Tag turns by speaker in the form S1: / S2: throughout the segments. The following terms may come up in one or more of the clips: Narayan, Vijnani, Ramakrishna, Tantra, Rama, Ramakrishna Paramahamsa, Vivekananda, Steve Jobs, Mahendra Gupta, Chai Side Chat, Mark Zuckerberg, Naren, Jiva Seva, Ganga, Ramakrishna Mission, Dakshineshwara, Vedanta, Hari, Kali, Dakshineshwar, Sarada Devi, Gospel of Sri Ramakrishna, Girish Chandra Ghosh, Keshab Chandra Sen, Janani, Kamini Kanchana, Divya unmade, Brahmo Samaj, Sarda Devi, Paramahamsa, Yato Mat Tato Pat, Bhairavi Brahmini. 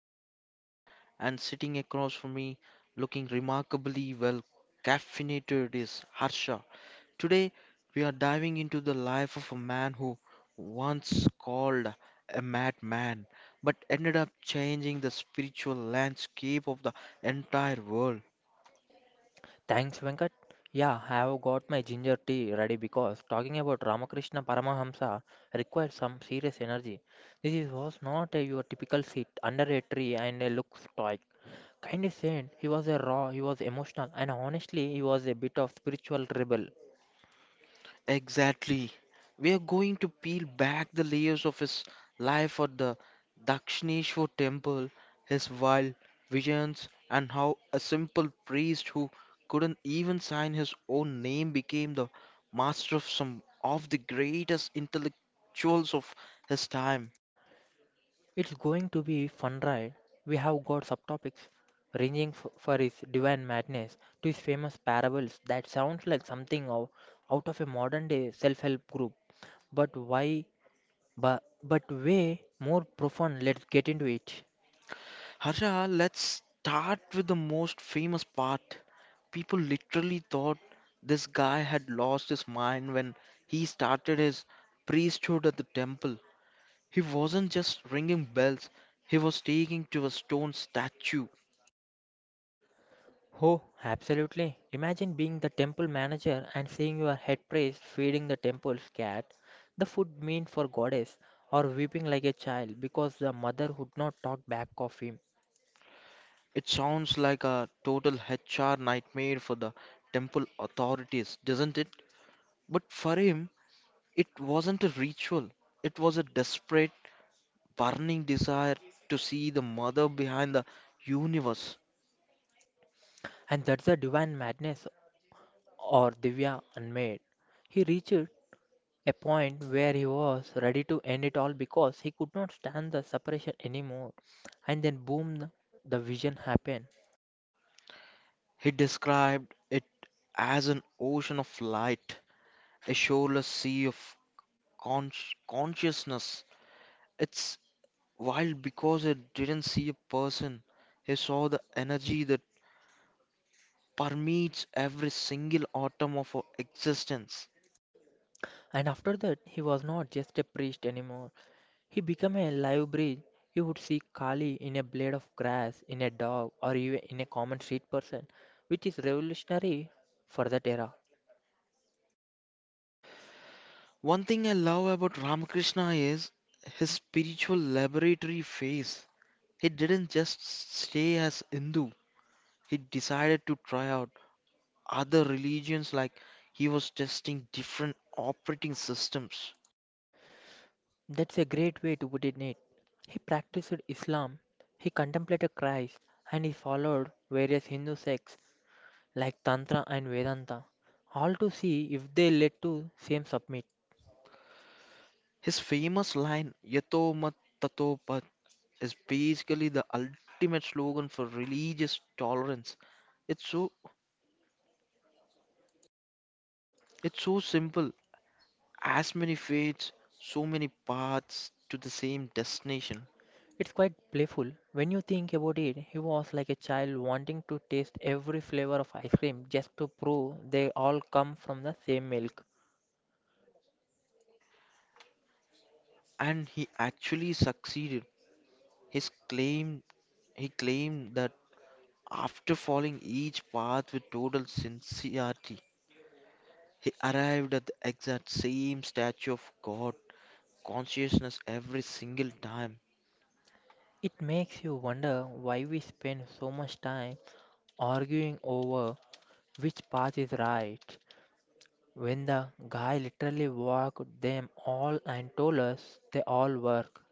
S1: host Venkat, and sitting across from me, looking remarkably well caffeinated, is Harsha. Today, we are diving into the life of a man who once called a madman but ended up changing the spiritual landscape of the entire world.
S2: Thanks, Venkat. Yeah, I have got my ginger tea ready because talking about Ramakrishna Paramahamsa required some serious energy. This is- was not a, Your typical sit under a tree and a look stoic. Kind of saint, he was a raw, he was emotional, and honestly, he was a bit of spiritual rebel.
S1: Exactly. We are going to peel back the layers of his life at the Dakshineshwar temple, his wild visions, and how a simple priest who couldn't even sign his own name became the master of some of the greatest intellectuals of his time.
S2: It's going to be fun ride. We have got subtopics ranging for his divine madness to his famous parables that sounds like something out of a modern day self-help group. But why? But way more profound, let's get into it.
S1: Harsha, let's start with the most famous part. People literally thought this guy had lost his mind when he started his priesthood at the temple. He wasn't just ringing bells, he was taking to a stone statue.
S2: Oh, absolutely. Imagine being the temple manager and seeing your head priest feeding the temple's cat, the food meant for goddess, or weeping like a child because the mother would not talk back of him.
S1: It sounds like a total HR nightmare for the temple authorities, doesn't it? But for him, it wasn't a ritual, it was a desperate burning desire to see the mother behind the universe.
S2: And that's the divine madness or Divya unmade. He reached a point where he was ready to end it all because he could not stand the separation anymore. And then boom, the vision happened.
S1: He described it as an ocean of light, a shoreless sea of con- consciousness. It's wild because he didn't see a person, he saw the energy that permeates every single atom of our existence.
S2: And after that, he was not just a priest anymore. He became a live bridge. You would see Kali in a blade of grass, in a dog, or even in a common street person, which is revolutionary for that era.
S1: One thing I love about Ramakrishna is his spiritual laboratory phase. He didn't just stay as Hindu. He decided to try out other religions like he was testing different operating systems.
S2: That's a great way to put it, Nate. He practiced Islam, he contemplated Christ, and he followed various Hindu sects like Tantra and Vedanta, all to see if they led to same submit.
S1: His famous line, Yato Mat Tato Pat, is basically the ultimate slogan for religious tolerance. It's so it's so simple. As many faiths, so many paths to the same destination.
S2: It's quite playful. When you think about it, he was like a child wanting to taste every flavor of ice cream just to prove they all come from the same milk.
S1: And he actually succeeded. His claim He claimed that after following each path with total sincerity, he arrived at the exact same statue of God consciousness every single time.
S2: It makes you wonder why we spend so much time arguing over which path is right when the guy literally walked them all and told us they all work.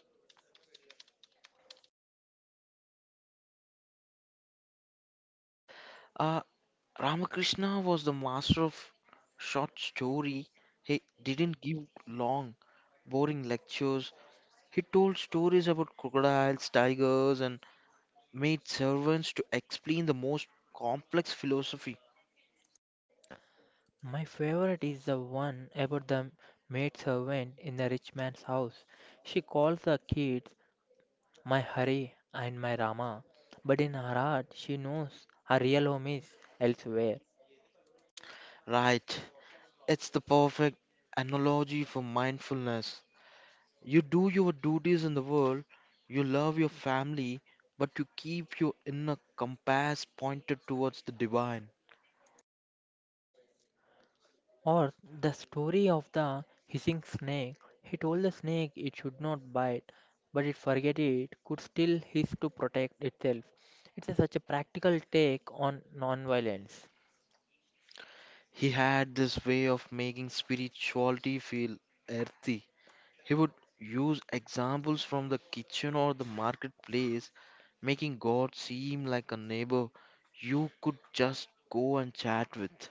S1: Uh, Ramakrishna was the master of short story. He didn't give long, boring lectures. He told stories about crocodiles, tigers, and made servants to explain the most complex philosophy.
S2: My favorite is the one about the maid servant in the rich man's house. She calls the kids my Hari and my Rama, but in her heart she knows her real home is elsewhere.
S1: Right, it's the perfect analogy for mindfulness. You do your duties in the world, you love your family, but you keep your inner compass pointed towards the divine.
S2: Or the story of the hissing snake. He told the snake it should not bite, but it forget it could still hiss to protect itself. Such a practical take on non-violence.
S1: He had this way of making spirituality feel earthy. He would use examples from the kitchen or the marketplace, making God seem like a neighbor you could just go and chat with.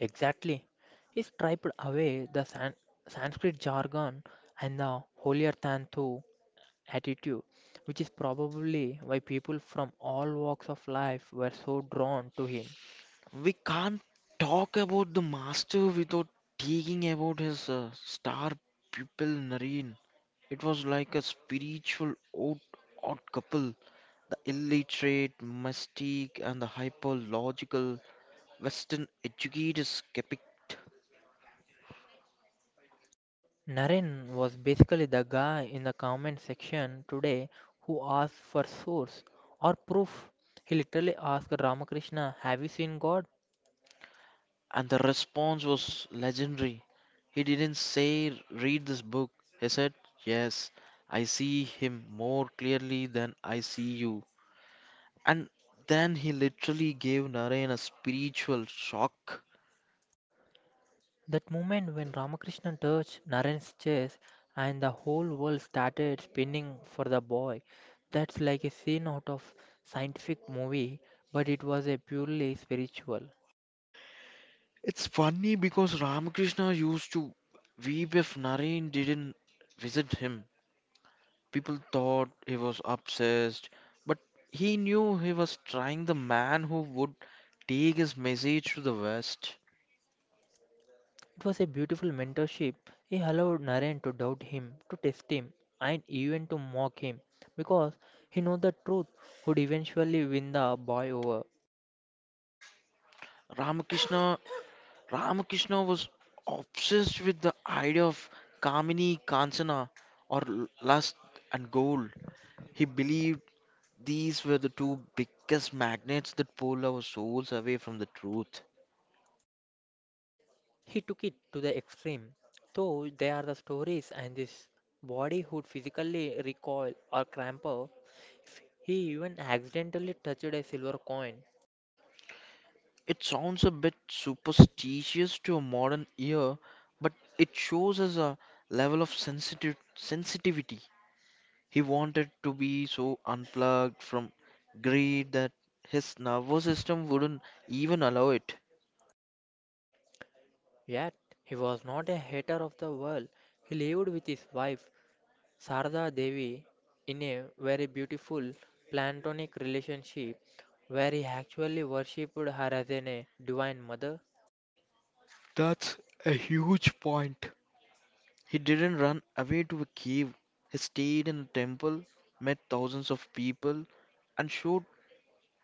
S2: Exactly. He striped away the Sanskrit jargon and the holier than thou attitude, which is probably why people from all walks of life were so drawn to him.
S1: We can't talk about the master without talking about his star pupil Naren. It was like a spiritual odd couple. The illiterate mystic and the hyper-logical Western educated skeptic.
S2: Naren was basically the guy in the comment section today who asked for source or proof. He literally asked Ramakrishna, "Have you seen God?"
S1: And the response was legendary. He didn't say, read this book. He said, yes, I see him more clearly than I see you. And then he literally gave Narayan a spiritual shock.
S2: That moment when Ramakrishna touched Naren's chest and the whole world started spinning for the boy, that's like a scene out of scientific movie, but it was a purely spiritual.
S1: It's funny because Ramakrishna used to weep if Narayan didn't visit him. People thought he was obsessed, but he knew he was trying the man who would take his message to the West.
S2: It was a beautiful mentorship. He allowed Naren to doubt him, to test him, and even to mock him because he knew the truth would eventually win the boy over.
S1: Ramakrishna Ramakrishna was obsessed with the idea of Kamini Kanchana or lust and gold. He believed these were the two biggest magnets that pulled our souls away from the truth.
S2: He took it to the extreme. Though there are the stories and this body would physically recoil or cramp up, he even accidentally touched a silver coin.
S1: It sounds a bit superstitious to a modern ear, but it shows us a level of sensitive sensitivity. He wanted to be so unplugged from greed that his nervous system wouldn't even allow it.
S2: Yet, he was not a hater of the world. He lived with his wife Sarada Devi, in a very beautiful platonic relationship where he actually worshipped her as a divine mother.
S1: That's a huge point. He didn't run away to a cave. He stayed in a temple, met thousands of people, and showed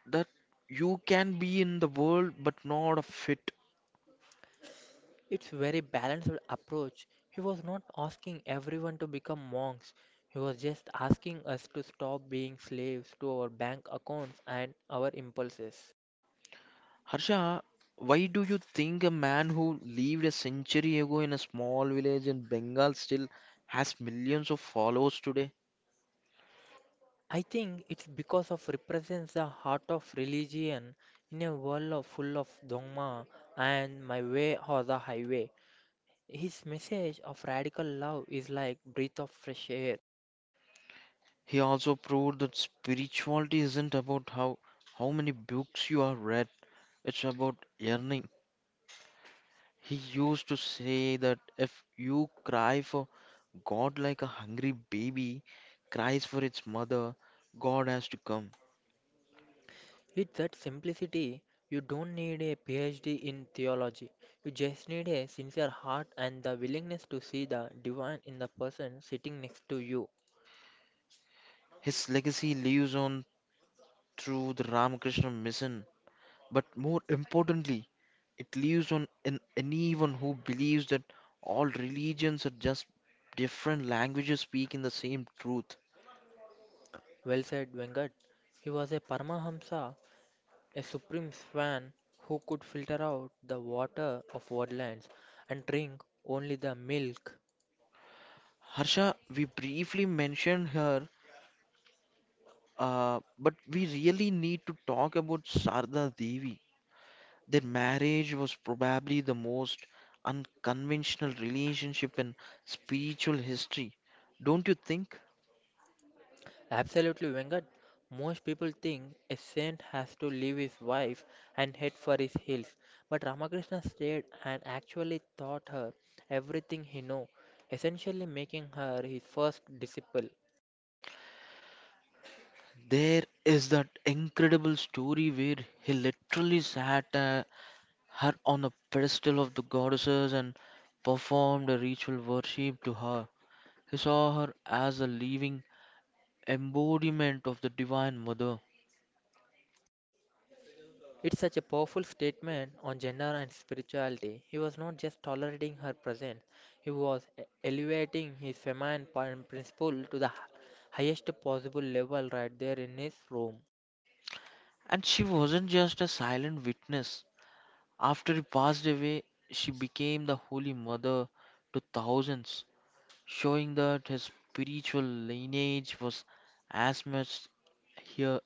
S1: that you can be in the world but not a fit.
S2: It's very balanced approach. He was not asking everyone to become monks. He was just asking us to stop being slaves to our bank accounts and our impulses.
S1: Harsha, why do you think a man who lived a century ago in a small village in Bengal still has millions of followers today?
S2: I think it's because of represents the heart of religion in a world of full of dogma and my way or the highway. His message of radical love is like breath of fresh air.
S1: He also proved that spirituality isn't about how many books you have read, it's about yearning. He used to say that if you cry for God like a hungry baby cries for its mother, God has to come.
S2: With that simplicity, you don't need a PhD in theology. You just need a sincere heart and the willingness to see the divine in the person sitting next to you.
S1: His legacy lives on through the Ramakrishna Mission, but more importantly, it lives on in anyone who believes that all religions are just different languages speaking the same truth.
S2: Well said, Venkat. He was a Paramahamsa, a supreme swan who could filter out the water of woodlands and drink only the milk.
S1: Harsha, we briefly mentioned her, but we really need to talk about Sarda Devi. Their marriage was probably the most unconventional relationship in spiritual history, don't you think?
S2: Absolutely, Venkat. Most people think a saint has to leave his wife and head for his hills, but Ramakrishna stayed and actually taught her everything he knew, essentially making her his first disciple.
S1: There is that incredible story where he literally sat her on the pedestal of the goddesses and performed a ritual worship to her. He saw her as a living embodiment of the Divine Mother.
S2: It's such a powerful statement on gender and spirituality. He was not just tolerating her presence, he was elevating his feminine principle to the highest possible level right there in his room.
S1: And she wasn't just a silent witness. After he passed away, she became the Holy Mother to thousands, showing that his spiritual lineage was as much here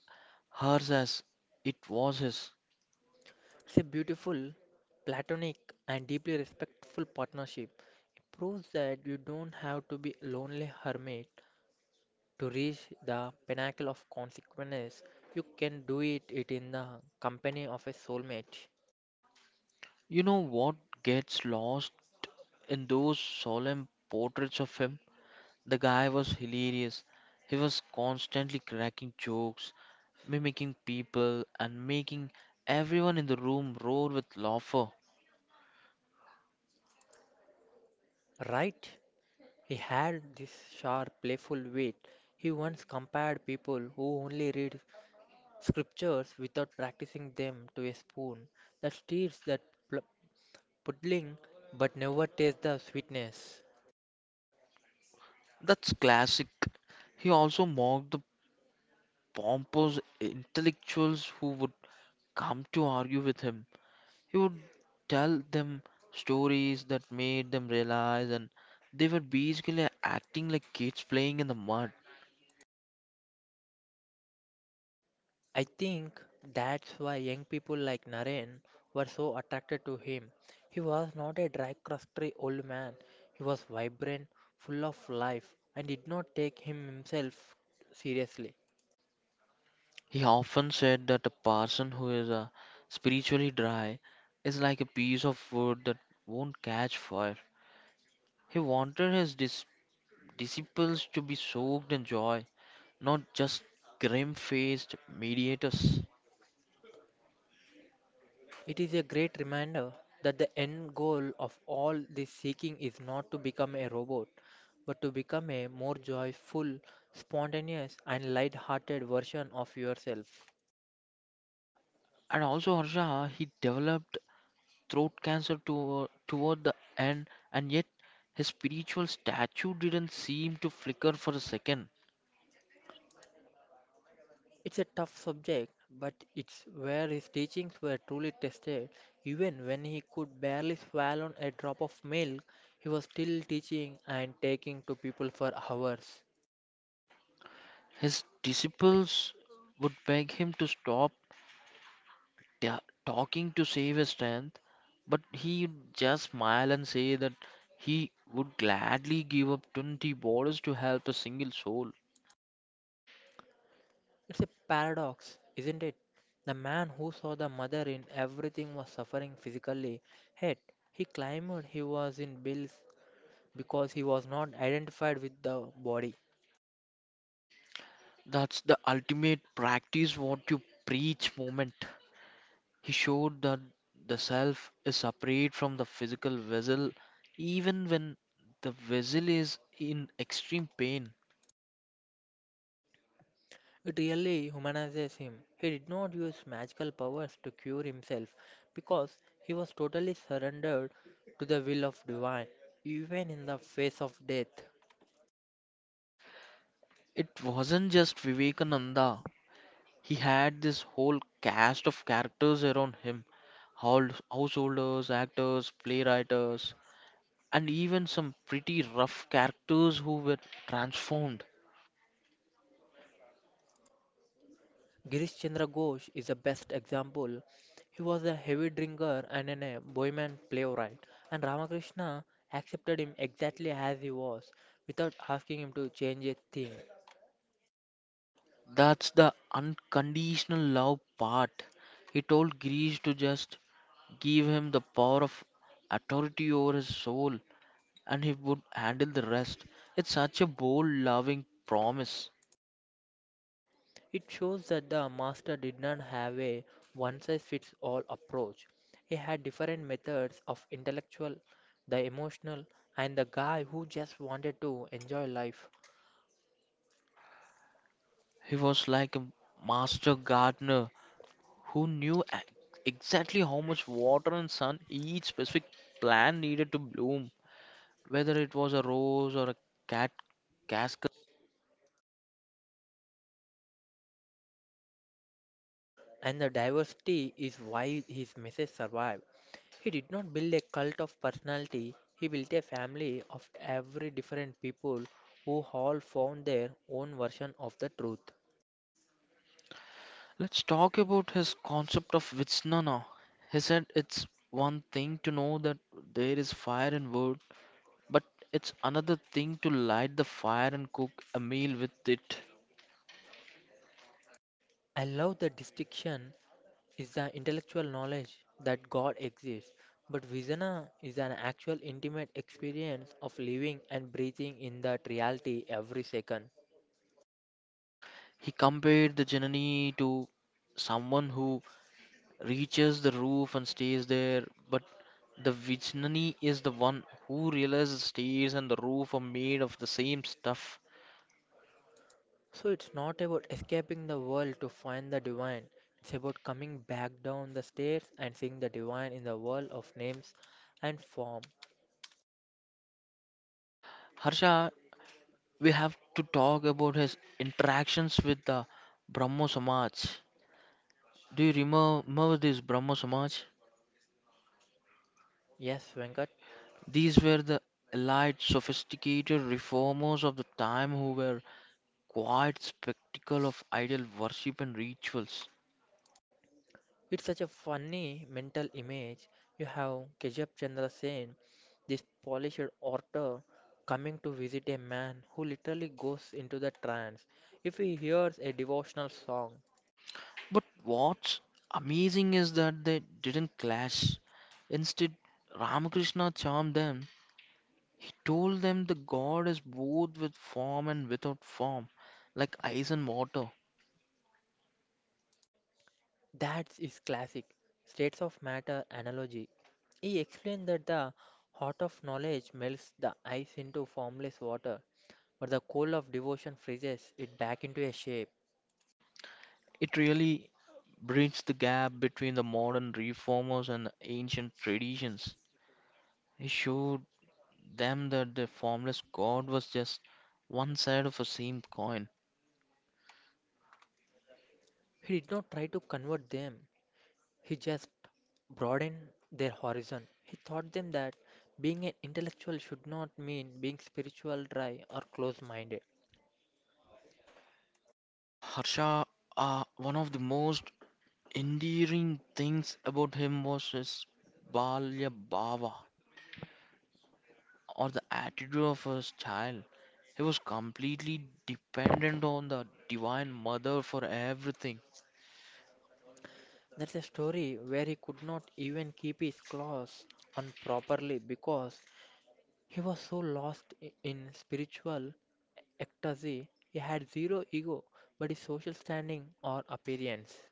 S1: hers as it was his.
S2: It's a beautiful, platonic, and deeply respectful partnership. It proves that you don't have to be a lonely hermit to reach the pinnacle of consequence. You can do it in the company of a soulmate.
S1: You know what gets lost in those solemn portraits of him? The guy was hilarious. He was constantly cracking jokes, mimicking people, and making everyone in the room roar with laughter.
S2: Right? He had this sharp, playful wit. He once compared people who only read scriptures without practicing them to a spoon that stirs that pl- puddling but never tastes the sweetness.
S1: That's classic. He also mocked the pompous intellectuals who would come to argue with him. He would tell them stories that made them realize and they were basically acting like kids playing in the mud.
S2: I think that's why young people like Naren were so attracted to him. He was not a dry, crusty old man. He was vibrant, full of life, and did not take himself seriously.
S1: He often said that a person who is spiritually dry is like a piece of wood that won't catch fire. He wanted his disciples to be soaked in joy, not just grim faced mediators.
S2: It is a great reminder that the end goal of all this seeking is not to become a robot, but to become a more joyful, spontaneous, and light-hearted version of yourself.
S1: And also, Harsha, he developed throat cancer toward the end, and yet his spiritual statue didn't seem to flicker for a second.
S2: It's a tough subject, but it's where his teachings were truly tested. Even when he could barely swallow a drop of milk, he was still teaching and taking to people for hours.
S1: His disciples would beg him to stop ta- talking to save his strength, but he just smile and say that he would gladly give up 20 borders to help a single soul.
S2: It's a paradox, isn't it? The man who saw the mother in everything was suffering physically, yet he claimed he was in bills because he was not identified with the body.
S1: That's the ultimate practice what you preach moment. He showed that the self is separate from the physical vessel even when the vessel is in extreme pain.
S2: It really humanizes him. He did not use magical powers to cure himself because he was totally surrendered to the will of divine, even in the face of death.
S1: It wasn't just Vivekananda. He had this whole cast of characters around him, householders, actors, playwrights, and even some pretty rough characters who were transformed.
S2: Girish Chandra Ghosh is the best example. He was a heavy drinker and a bohemian playwright, and Ramakrishna accepted him exactly as he was without asking him to change a thing.
S1: That's the unconditional love part. He told Grease to just give him the power of authority over his soul and he would handle the rest. It's such a bold, loving promise.
S2: It shows that the master did not have a one size fits all approach. He had different methods of intellectual, the emotional, and the guy who just wanted to enjoy life.
S1: He was like a master gardener who knew exactly how much water and sun each specific plant needed to bloom, whether it was a rose or a cat cascade.
S2: And the diversity is why his message survived. He did not build a cult of personality, he built a family of every different people who all found their own version of the truth.
S1: Let's talk about his concept of Vitsnana. He said it's one thing to know that there is fire in wood, but it's another thing to light the fire and cook a meal with it.
S2: I love the distinction is the intellectual knowledge that God exists, but Vijana is an actual intimate experience of living and breathing in that reality every second.
S1: He compared the Janani to someone who reaches the roof and stays there. But the Vijnani is the one who realizes stairs and the roof are made of the same stuff.
S2: So it's not about escaping the world to find the divine, it's about coming back down the stairs and seeing the divine in the world of names and form.
S1: Harsha, we have to talk about his interactions with the Brahmo Samaj. Do you remember this Brahmo Samaj?
S2: Yes, Venkat.
S1: These were the elite, sophisticated reformers of the time who were quite spectacle of idol worship and rituals.
S2: It's such a funny mental image. You have Keshab Chandra Sen, this polished author, coming to visit a man who literally goes into the trance. If he hears a devotional song,
S1: But what's amazing is that they didn't clash. Instead, Ramakrishna charmed them. He told them the God is both with form and without form, like ice and water.
S2: that's his classic states of matter analogy. He explained that the heart of knowledge melts the ice into formless water, but the coal of devotion freezes it back into a shape.
S1: It really bridged the gap between the modern reformers and the ancient traditions. He showed them that the formless God was just one side of a same coin.
S2: He did not try to convert them, he just broadened their horizon. He taught them that being an intellectual should not mean being spiritual, dry, or close minded.
S1: Harsha, one of the most endearing things about him was his Balya Bhava or the attitude of his child. He was completely dependent on the Divine Mother for everything.
S2: That's a story where he could not even keep his claws on properly because he was so lost in spiritual ecstasy. He had zero ego, but his social standing or appearance.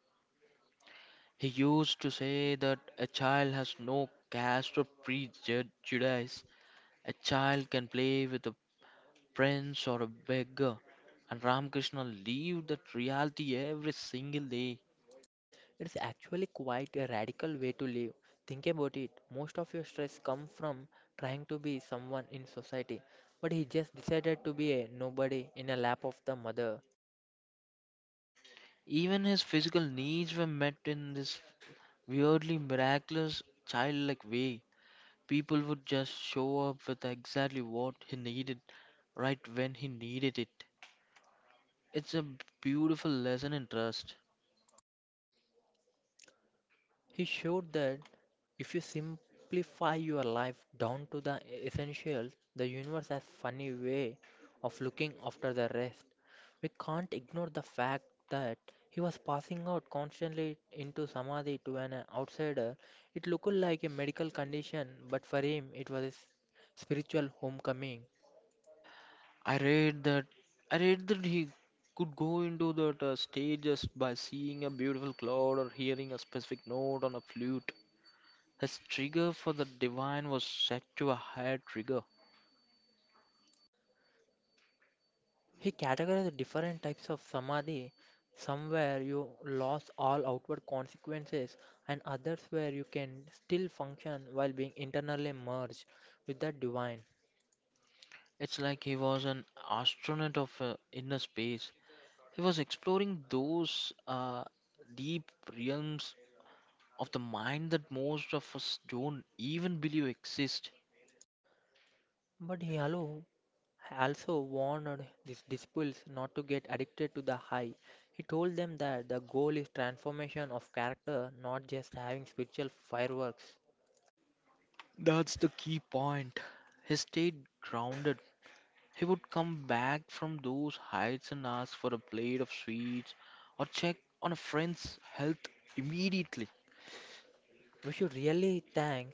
S1: He used to say that a child has no caste or prejudice. A child can play with a prince or a beggar. And Ramakrishna lived that reality every single day.
S2: It's actually quite a radical way to live. Think about it. Most of your stress comes from trying to be someone in society, but he just decided to be a nobody in a lap of the mother.
S1: Even his physical needs were met in this weirdly miraculous, childlike way. People would just show up with exactly what he needed right when he needed it. It's a beautiful lesson in trust.
S2: He showed that if you simplify your life down to the essentials, the universe has funny way of looking after the rest. We can't ignore the fact that he was passing out constantly into samadhi to an outsider. It looked like a medical condition, but for him it was a spiritual homecoming.
S1: I read that I read that he could go into that stage just by seeing a beautiful cloud or hearing a specific note on a flute. His trigger for the divine was set to a higher trigger.
S2: He categorized different types of samadhi, some where you lose all outward consequences, and others where you can still function while being internally merged with the divine.
S1: It's like he was an astronaut of inner space. He was exploring those deep realms of the mind that most of us don't even believe exist.
S2: But he also warned these disciples not to get addicted to the high. He told them that the goal is transformation of character, not just having spiritual fireworks.
S1: That's the key point. He stayed grounded. He would come back from those heights and ask for a plate of sweets or check on a friend's health immediately.
S2: We should really thank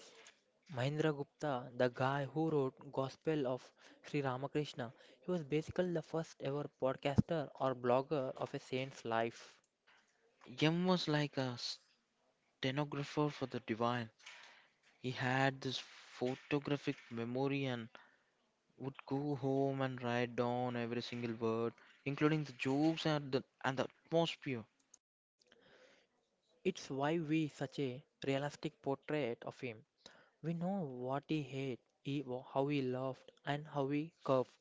S2: Mahendra Gupta, the guy who wrote Gospel of Sri Ramakrishna, he was basically the first ever podcaster or blogger of a saint's life.
S1: Yem was like a stenographer for the divine. He had this photographic memory and would go home and write down every single word, including the jokes and the atmosphere.
S2: It's why we such a realistic portrait of him. We know what how he loved, and how he curved.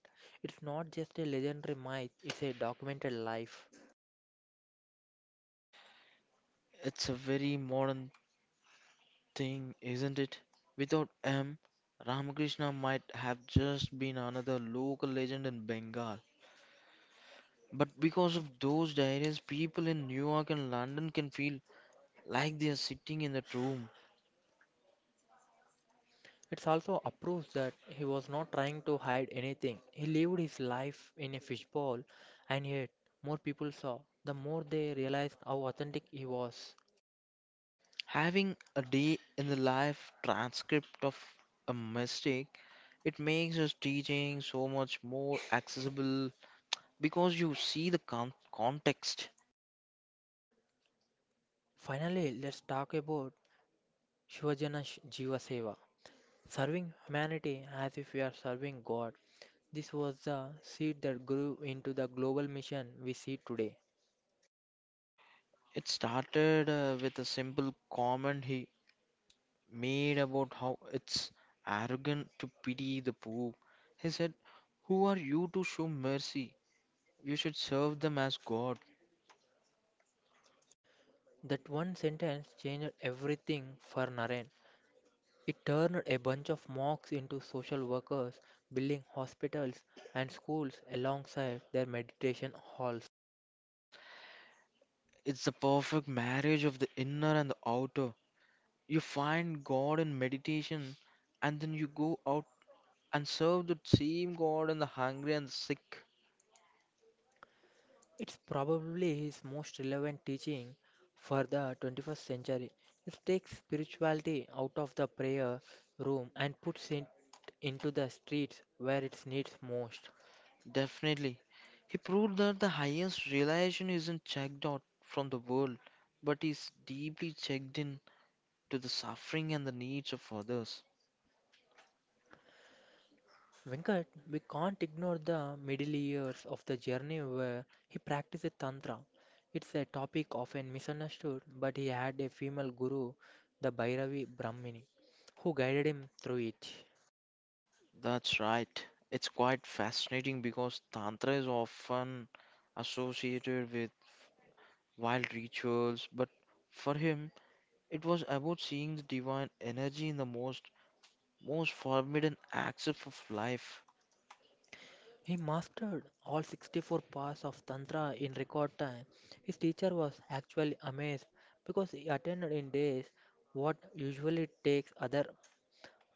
S2: It's not just a legendary myth; it's a documented life.
S1: It's a very modern thing, isn't it? Without M, Ramakrishna might have just been another local legend in Bengal. But because of those diaries, people in New York and London can feel like they are sitting in that room,
S2: It's also a proof that he was not trying to hide anything. He lived his life in a fishbowl, and yet more people saw, the more they realized how authentic he was.
S1: having a day in the life transcript of a mistake. It makes his teaching so much more accessible because you see the context.
S2: Finally, let's talk about Jiva Seva. Serving humanity as if we are serving God. This was the seed that grew into the global mission we see today.
S1: It started with a simple comment he made about how it's arrogant to pity the poor. He said, who are you to show mercy? You should serve them as God.
S2: That one sentence changed everything for Naren. It turned a bunch of monks into social workers, building hospitals and schools alongside their meditation halls.
S1: It's the perfect marriage of the inner and the outer. You find God in meditation and then you go out and serve the same God in the hungry and the sick.
S2: It's probably his most relevant teaching for the 21st century. It takes spirituality out of the prayer room and puts it into the streets where it needs most.
S1: Definitely. He proved that the highest realization isn't checked out from the world, but is deeply checked in to the suffering and the needs of others.
S2: Venkat, we can't ignore the middle years of the journey where he practiced Tantra. It's a topic often misunderstood, but he had a female guru, the Bhairavi Brahmini, who guided him through it.
S1: That's right. It's quite fascinating because Tantra is often associated with wild rituals, but for him, it was about seeing the divine energy in the most forbidden aspects of life.
S2: He mastered all 64 parts of Tantra in record time. His teacher was actually amazed because he attended in days what usually takes other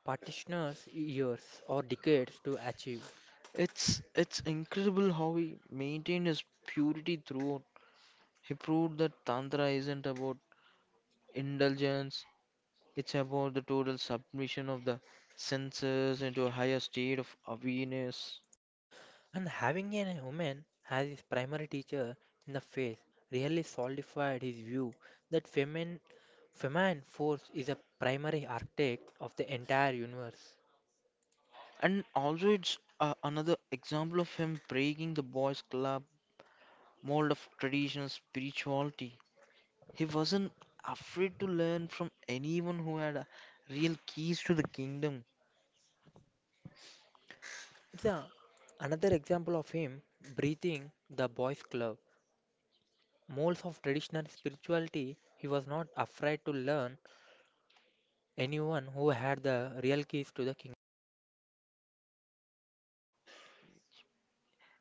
S2: practitioners years or decades to achieve.
S1: It's incredible how he maintained his purity throughout. He proved that Tantra isn't about indulgence, it's about the total submission of the senses into a higher state of awareness.
S2: And having a woman as his primary teacher in the faith really solidified his view that feminine force is a primary architect of the entire universe.
S1: And also, it's another example of him breaking the boys' club mold of traditional spirituality. He wasn't afraid to learn from anyone who had real keys to the kingdom.
S2: It's a, Another example of him breathing the boys' club. Molds of traditional spirituality, he was not afraid to learn anyone who had the real keys to the kingdom.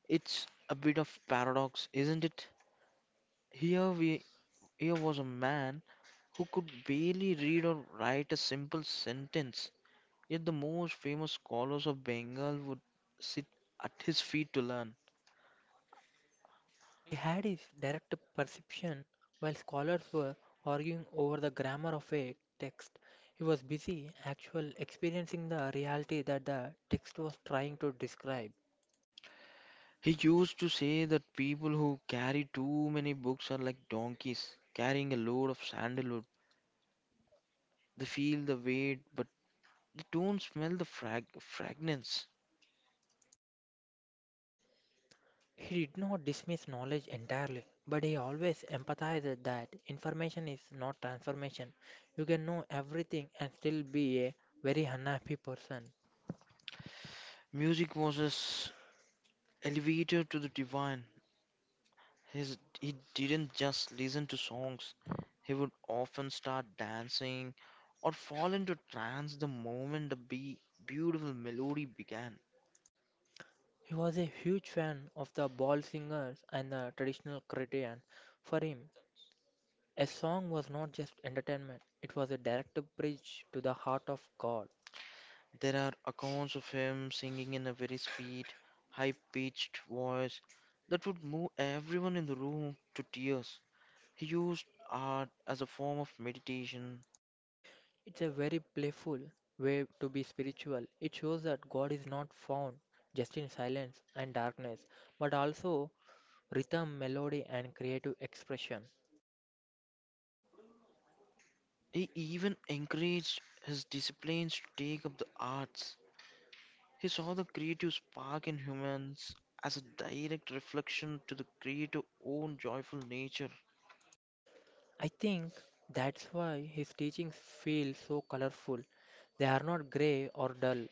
S1: It's a bit of paradox, isn't it? Here we Here was a man who could barely read or write a simple sentence, yet the most famous scholars of Bengal would sit at his feet to learn.
S2: He had his direct perception while scholars were arguing over the grammar of a text. He was busy actual experiencing the reality that the text was trying to describe.
S1: He used to say that people who carry too many books are like donkeys carrying a load of sandalwood. They feel the weight, but they don't smell the fragrance.
S2: He did not dismiss knowledge entirely, but he always empathized that information is not transformation. You can know everything and still be a very unhappy person.
S1: Music was his elevator to the divine. His He didn't just listen to songs. He would often start dancing or fall into trance the moment the be beautiful melody began.
S2: He was a huge fan of the ball singers and the traditional Cretan. For him, a song was not just entertainment, it was a direct bridge to the heart of God.
S1: There are accounts of him singing in a very sweet, high-pitched voice that would move everyone in the room to tears. He used art as a form of meditation.
S2: It's a very playful way to be spiritual. It shows that God is not found just in silence and darkness, but also rhythm, melody, and creative expression.
S1: He even encouraged his disciples to take up the arts. He saw the creative spark in humans as a direct reflection to the creative own joyful nature.
S2: I think that's why his teachings feel so colorful. They are not grey or dull,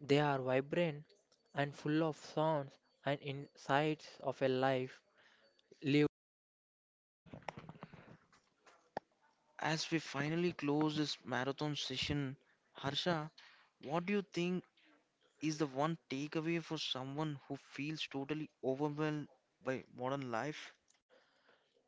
S2: they are vibrant and full of sounds and insights of a life lived.
S1: As we finally close this marathon session, Harsha, what do you think is the one takeaway for someone who feels totally overwhelmed by modern life?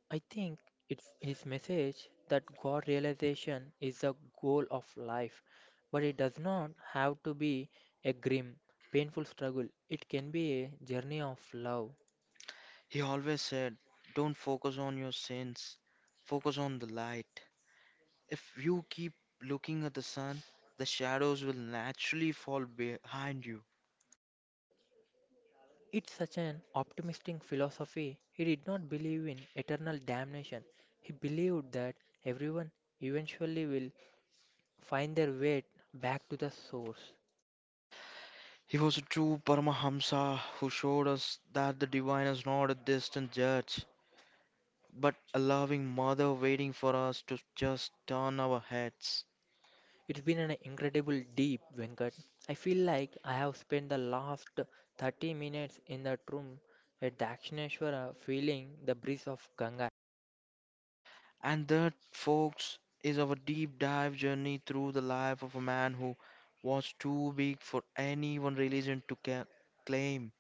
S2: I think it's his message that God realization is the goal of life, but it does not have to be a grim, painful struggle. It can be a journey of love.
S1: He always said, don't focus on your sins, focus on the light. If you keep looking at the sun, the shadows will naturally fall behind you.
S2: It's such an optimistic philosophy. He did not believe in eternal damnation. He believed that everyone eventually will find their way back to the source.
S1: He was a true Paramahamsa who showed us that the divine is not a distant judge, but a loving mother waiting for us to just turn our heads.
S2: It's been an incredible deep, Venkat. I feel like I have spent the last 30 minutes in that room at Dakshineshwara feeling the breeze of Ganga.
S1: And that, folks, is our deep dive journey through the life of a man who was too big for any one religion to claim.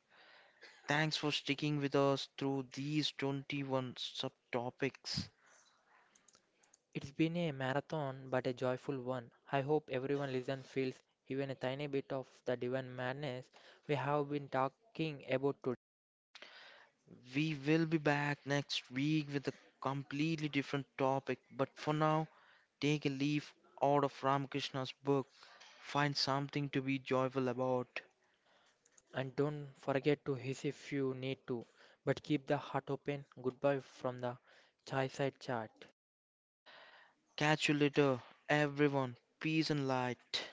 S1: Thanks for sticking with us through these 21 subtopics.
S2: It's been a marathon but a joyful one. I hope everyone listen feels even a tiny bit of the divine madness we have been talking about today.
S1: We will be back next week with a completely different topic, but for now, take a leaf out of Ramakrishna's book. Find something to be joyful about.
S2: And don't forget to hiss if you need to, but keep the heart open. Goodbye from the Chai Side Chat.
S1: Catch you later, everyone. Peace and light.